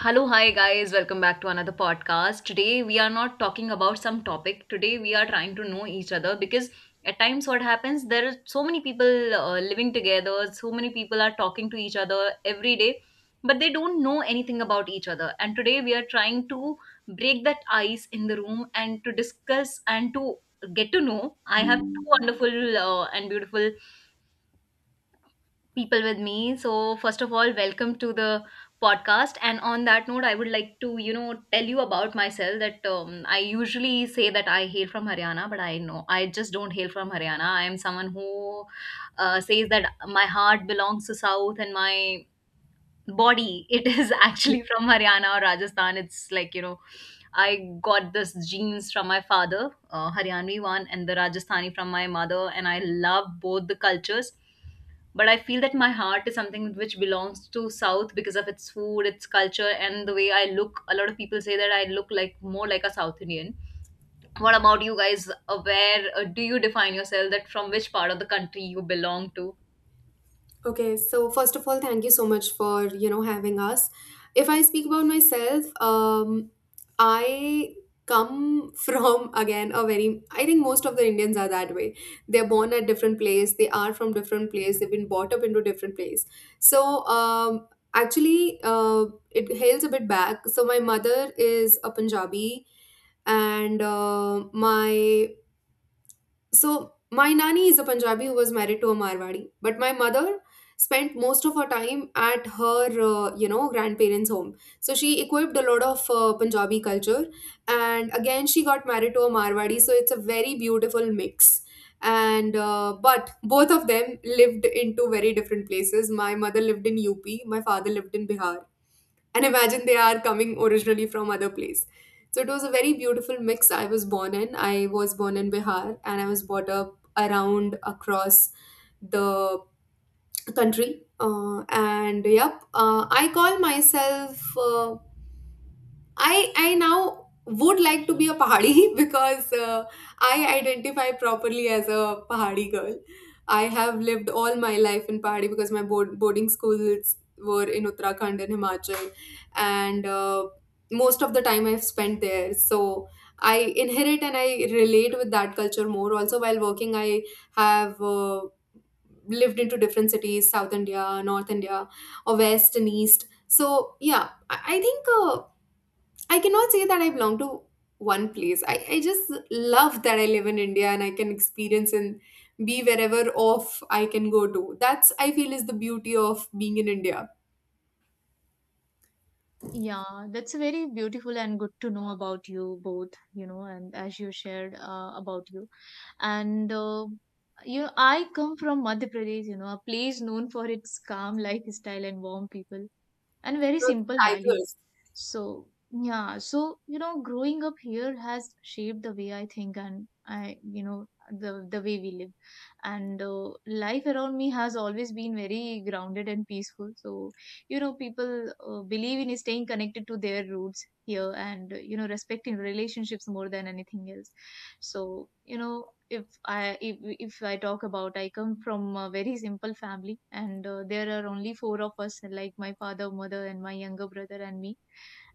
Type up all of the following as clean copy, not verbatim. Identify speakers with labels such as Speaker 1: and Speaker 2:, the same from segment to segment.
Speaker 1: Hello, hi guys, welcome back to another podcast. Today we are not talking about some topic. Today we are trying to know each other because at times what happens there are so many people living together, so many people are talking to each other every day, but they don't know anything about each other. And today we are trying to break that ice in the room and to discuss and to get to know. I have two wonderful and beautiful people with me. So, first of all, welcome to the podcast. And on that note, I would like to, you know, tell you about myself that I usually say that I hail from Haryana, but I know I just don't hail from Haryana. I am someone who says that my heart belongs to South, and my body it is actually from Haryana or Rajasthan. It's like, you know, I got this genes from my father, Haryanvi one, and the Rajasthani from my mother, and I love both the cultures, but I feel that my heart is something which belongs to South because of its food, its culture, and the way I look. A lot of people say that I look like more like a South Indian. What about you guys? Where do you define yourself that from which part of the country you belong to?
Speaker 2: Okay, so first of all, thank you so much for, you know, having us. If I speak about myself, I come from again a very, I think most of the Indians are that way. They're born at different place, they are from different place, they've been brought up into different place. So actually, it hails a bit back. So my mother is a Punjabi and my So my nanny is a Punjabi who was married to a Marwadi, but my mother spent most of her time at her you know, grandparents' home. So she equipped a lot of Punjabi culture, and again she got married to a Marwadi. So it's a very beautiful mix. And But both of them lived into very different places. My mother lived in UP, my father lived in Bihar, and imagine they are coming originally from other place. So it was a very beautiful mix. I was born in Bihar, and I was brought up around, across the country, and I call myself uh, I now would like to be a Pahadi because I identify properly as a Pahadi girl. I have lived all my life in Pahadi because my boarding schools were in Uttarakhand and Himachal, and most of the time I've spent there. So I inherit and I relate with that culture more. Also, while working, I have. Lived into different cities, south India, north India, or west and east. So I think I cannot say that I belong to one place. I just love that I live in India and I can experience and be wherever off I can go to. That's, I feel, is the beauty of being in India.
Speaker 3: Yeah, that's very beautiful and good to know about you both, you know, and as you shared about you. And you know, I come from Madhya Pradesh, you know, a place known for its calm lifestyle and warm people and very
Speaker 2: Those
Speaker 3: simple values.
Speaker 2: Tigers.
Speaker 3: So, you know, growing up here has shaped the way I think and I, you know, the way we live, and life around me has always been very grounded and peaceful. So, you know, people believe in staying connected to their roots here and you know, respecting relationships more than anything else. So, you know, if I talk about, I come from a very simple family, and there are only four of us, like my father, mother, and my younger brother and me.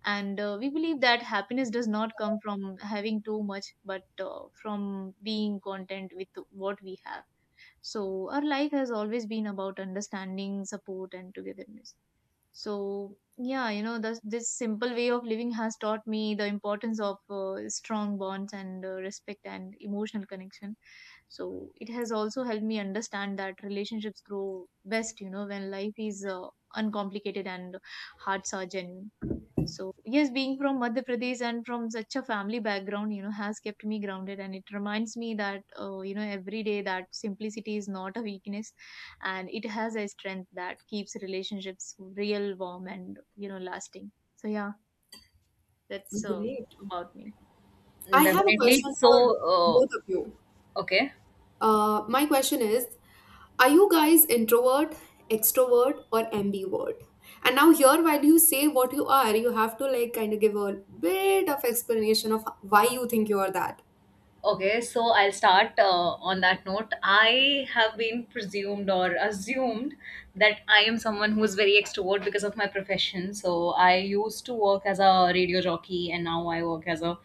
Speaker 3: And we believe that happiness does not come from having too much, but from being content with what we have. So our life has always been about understanding, support, and togetherness. So yeah, you know, this simple way of living has taught me the importance of strong bonds and respect and emotional connection. So it has also helped me understand that relationships grow best, you know, when life is uncomplicated and hearts are genuine. So, yes, being from Madhya Pradesh and from such a family background, you know, has kept me grounded. And it reminds me that, you know, every day, that simplicity is not a weakness, and it has a strength that keeps relationships real, warm, and, you know, lasting. So, yeah, that's
Speaker 2: Great.
Speaker 3: about me.
Speaker 2: I have a
Speaker 1: Definitely,
Speaker 2: question
Speaker 1: so,
Speaker 2: for both of
Speaker 1: uh,
Speaker 2: you.
Speaker 1: okay.
Speaker 2: My question is, are you guys introvert, extrovert, or ambivert? And now here, while you say what you are, you have to, like, kind of give a bit of explanation of why you think you are that.
Speaker 1: Okay, so I'll start on that note. I have been presumed or assumed that I am someone who is very extrovert because of my profession. So I used to work as a radio jockey, and now I work as a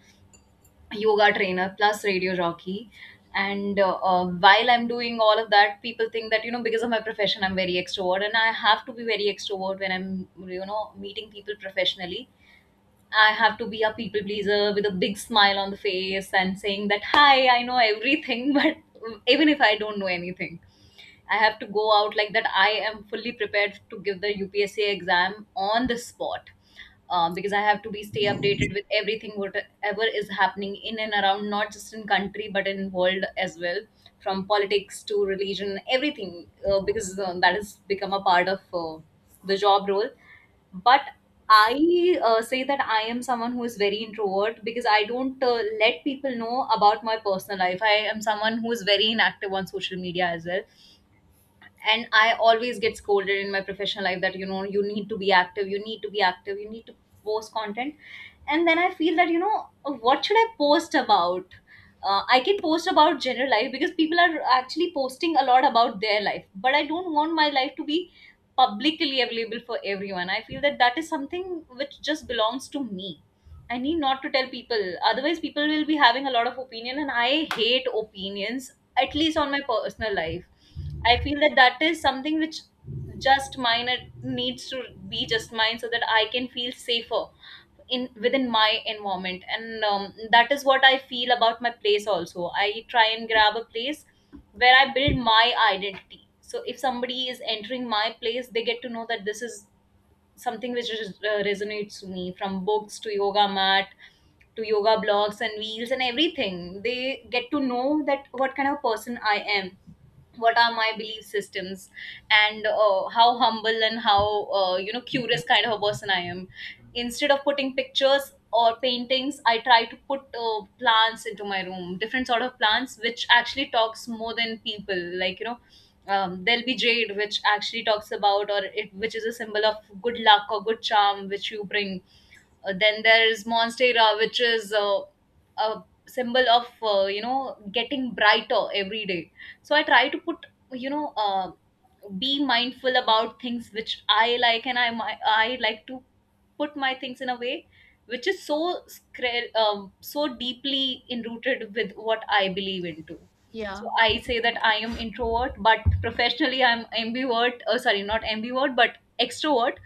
Speaker 1: yoga trainer plus radio jockey. And while I'm doing all of that, people think that, you know, because of my profession, I'm very extrovert, and I have to be very extrovert when I'm, you know, meeting people professionally. I have to be a people pleaser with a big smile on the face and saying that, hi, I know everything, but even if I don't know anything. I have to go out like that. I am fully prepared to give the UPSC exam on the spot, because I have to be stay updated with everything whatever is happening in and around, not just in country but in world as well, from politics to religion, everything, because that has become a part of the job role. But I say that I am someone who is very introvert because I don't let people know about my personal life. I am someone who is very inactive on social media as well, and I always get scolded in my professional life that, you know, you need to be active, you need to be active, you need to post content. And then I feel that, you know, what should I post about? I can post about general life because people are actually posting a lot about their life, but I don't want my life to be publicly available for everyone. I feel that that is something which just belongs to me. I need not to tell people. Otherwise, people will be having a lot of opinion, and I hate opinions, at least on my personal life. I feel that that is something which just mine. It needs to be just mine so that I can feel safer in within my environment. And that is what I feel about my place also. I try and grab a place where I build my identity. So if somebody is entering my place, they get to know that this is something which resonates to me, from books to yoga mat to yoga blogs and wheels, and everything. They get to know that what kind of person I am, what are my belief systems, and how humble and how, you know, curious kind of a person I am. Instead of putting pictures or paintings, I try to put plants into my room, different sort of plants which actually talks more than people, like, you know. There'll be jade, which actually talks about or it, which is a symbol of good luck or good charm which you bring. Then there's monstera, which is a symbol of, you know, getting brighter every day. So I try to put, you know, be mindful about things which I like, and I like to put my things in a way which is so deeply enrooted with what I believe into. So
Speaker 3: Yeah,
Speaker 1: I say that I am introvert, but professionally I'm ambivert. Oh, sorry, not ambivert, but extrovert.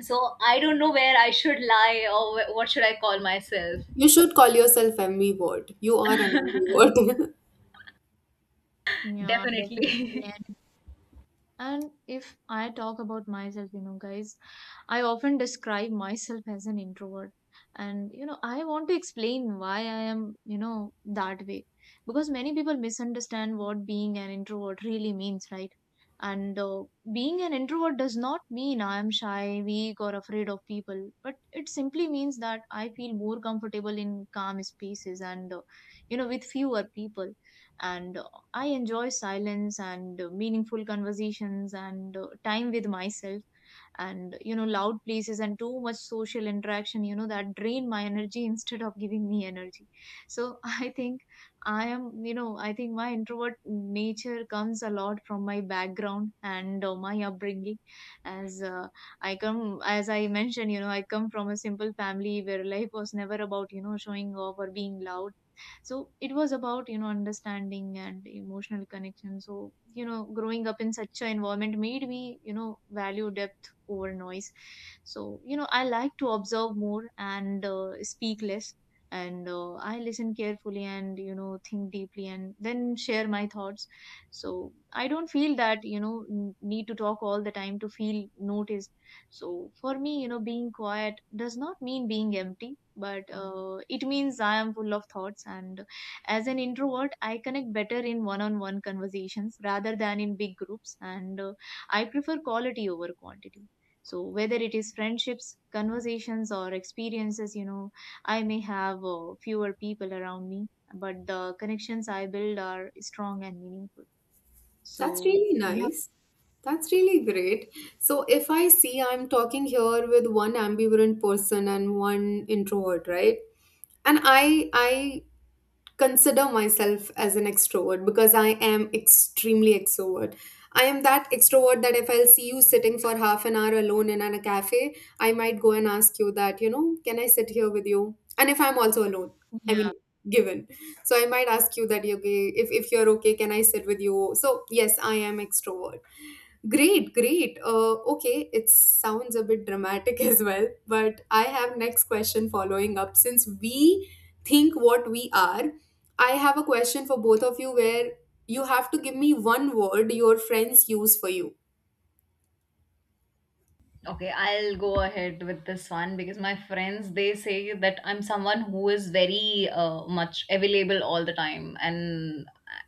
Speaker 1: So I don't know where I should lie, or what should I call myself.
Speaker 2: You should call yourself MV Ward. You are an MV.
Speaker 3: yeah,
Speaker 1: Definitely.
Speaker 3: definitely. And if I talk about myself, you know, guys, I often describe myself as an introvert. And, you know, I want to explain why I am, you know, that way. Because many people misunderstand what being an introvert really means, right? And being an introvert does not mean I am shy, weak, or afraid of people, but it simply means that I feel more comfortable in calm spaces and, you know, with fewer people. And I enjoy silence and meaningful conversations and time with myself. And you know, loud places and too much social interaction, you know, that drain my energy instead of giving me energy. So I think I am you know I think my introvert nature comes a lot from my background and my upbringing. As uh, i come as I mentioned, you know, I come from a simple family where life was never about, you know, showing off or being loud. So it was about, you know, understanding and emotional connection. So, you know, growing up in such an environment made me, you know, value depth over noise. So, you know, I like to observe more and speak less. And I listen carefully and, you know, think deeply and then share my thoughts. So I don't feel that, you know, need to talk all the time to feel noticed. So for me, you know, being quiet does not mean being empty, but it means I am full of thoughts. And as an introvert, I connect better in one on one conversations rather than in big groups, and I prefer quality over quantity. So, whether it is friendships, conversations, or experiences, you know, I may have fewer people around me, but the connections I build are strong and meaningful.
Speaker 2: That's
Speaker 3: So,
Speaker 2: really nice. That's really great. So if I see, I'm talking here with one ambivalent person and one introvert, right? And I consider myself as an extrovert because I am extremely extrovert. I am that extrovert that if I'll see you sitting for half an hour alone in a cafe, I might go and ask you that, you know, can I sit here with you? And if I'm also alone, I mean,
Speaker 3: yeah.
Speaker 2: given. So I might ask you that, okay, if you're okay, can I sit with you? So yes, I am extrovert. Great, great. Okay, it sounds a bit dramatic as well, but I have next question following up. Since we think what we are, I have a question for both of you where you have to give me one word your friends use for you.
Speaker 1: Okay, I'll go ahead with this one because my friends they say that I'm someone who is very much available all the time, and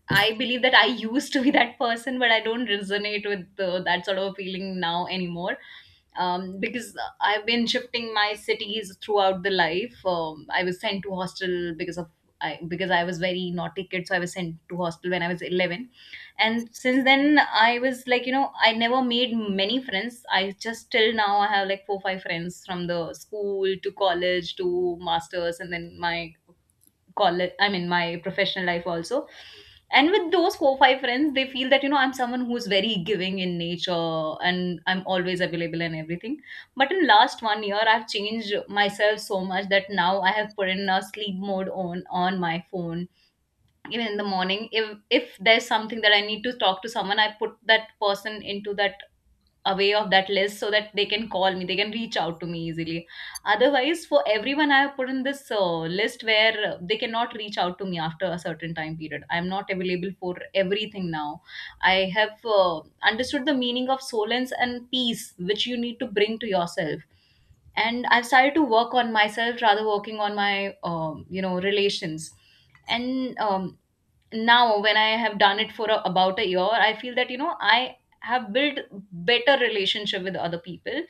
Speaker 1: I believe that I used to be that person, but I don't resonate with that sort of feeling now anymore. Because I've been shifting my cities throughout the life. I was sent to hostel because I was very naughty kid, so I was sent to hostel when I was 11. And since then I was like, you know, I never made many friends. I just, till now I have like four five friends from the school to college to masters, and then my college, I mean my professional life also. And with those four five friends, they feel that, you know, I'm someone who's very giving in nature and I'm always available and everything. But in last one year, I've changed myself so much that now I have put in a sleep mode on my phone. Even in the morning, if there's something that I need to talk to someone, I put that person into that away of that list, so that they can call me, they can reach out to me easily. Otherwise, for everyone I have put in this list where they cannot reach out to me after a certain time period. I am not available for everything now. I have understood the meaning of solence and peace which you need to bring to yourself. And I've started to work on myself rather working on my relations. And now when I have done it for about a year, I feel that, you know, I have built better relationship with other people,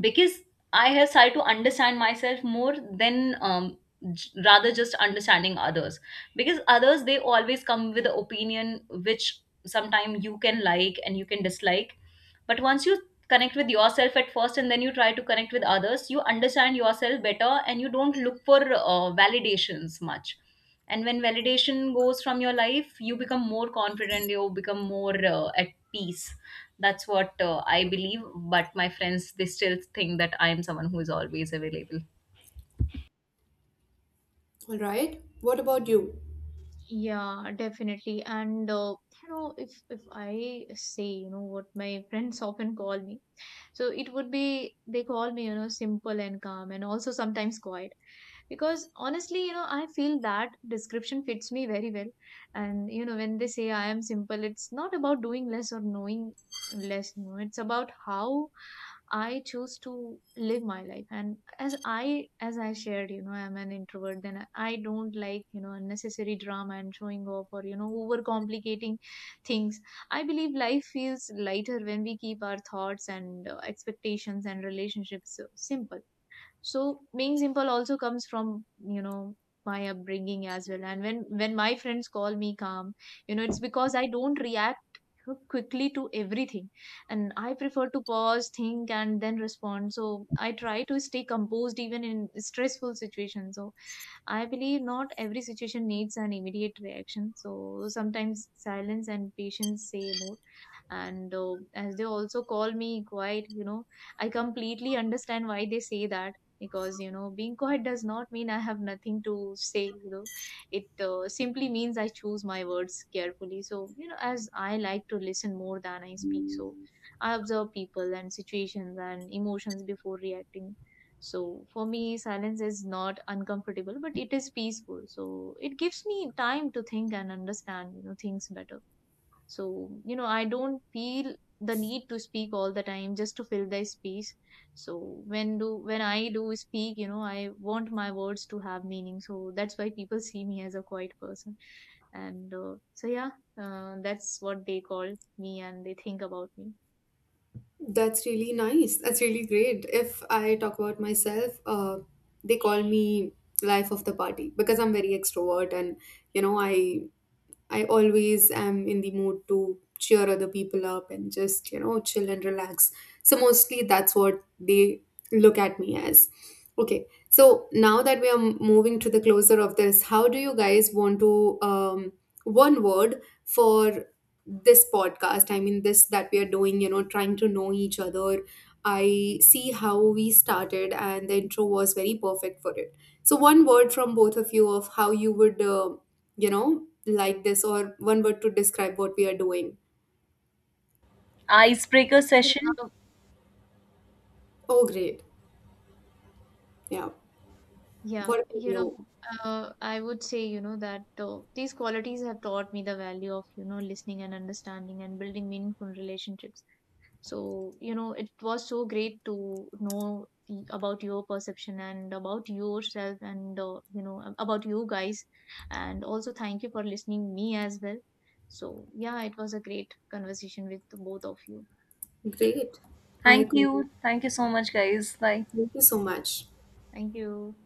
Speaker 1: because I have started to understand myself more than, rather just understanding others. Because others, they always come with an opinion which sometimes you can like and you can dislike. But once you connect with yourself at first and then you try to connect with others, you understand yourself better and you don't look for validations much. And when validation goes from your life, you become more confident, you become more at peace. That's what I believe, but my friends they still think that I am someone who is always available.
Speaker 2: All right? What about you?
Speaker 3: Yeah, definitely. And you know, if I say, you know, what my friends often call me, so it would be, they call me, you know, simple and calm and also sometimes quiet. Because honestly, you know, I feel that description fits me very well. And, you know, when they say I am simple, it's not about doing less or knowing less, you know, it's about how I choose to live my life. And as I shared, you know, I'm an introvert, then I don't like, you know, unnecessary drama and showing off or, you know, overcomplicating things. I believe life feels lighter when we keep our thoughts and expectations and relationships simple. So being simple also comes from, you know, my upbringing as well. And when my friends call me calm, you know, it's because I don't react quickly to everything, and I prefer to pause, think, and then respond. So I try to stay composed even in stressful situations. So I believe not every situation needs an immediate reaction. So sometimes silence and patience say more. And as they also call me quiet, you know, I completely understand why they say that. Because, you know, being quiet does not mean I have nothing to say. You know, it simply means I choose my words carefully. So, you know, as I like to listen more than I speak. So I observe people and situations and emotions before reacting. So for me, silence is not uncomfortable, but it is peaceful. So it gives me time to think and understand, you know, things better. So, you know, I don't feel the need to speak all the time just to fill the space. So when I do speak, you know, I want my words to have meaning. So that's why people see me as a quiet person. And so yeah, that's what they call me and they think about me.
Speaker 2: That's really nice. That's really great. If I talk about myself, they call me life of the party because I'm very extrovert, and you know, I always am in the mood to cheer other people up and just, you know, chill and relax. So mostly that's what they look at me as. Okay. So now that we are moving to the closer of this, how do you guys want to, um, one word for this podcast? I mean this that we are doing, you know, trying to know each other. I see how we started and the intro was very perfect for it. So one word from both of you of how you would, you know, like this, or one word to describe what we are doing.
Speaker 1: Icebreaker
Speaker 3: You
Speaker 1: session.
Speaker 3: know, Uh,
Speaker 2: Oh, great. Yeah. What
Speaker 3: yeah,
Speaker 2: about
Speaker 3: you know,
Speaker 2: you?
Speaker 3: I would say, you know, that these qualities have taught me the value of, you know, listening and understanding and building meaningful relationships. So, you know, it was so great to know about your perception and about yourself and, you know, about you guys. And also, thank you for listening me as well. So, yeah, it was a great conversation with both of you.
Speaker 2: Great. I
Speaker 1: Thank
Speaker 2: could.
Speaker 1: you. Thank you so much guys. Bye.
Speaker 2: Thank you so much.
Speaker 3: Thank you.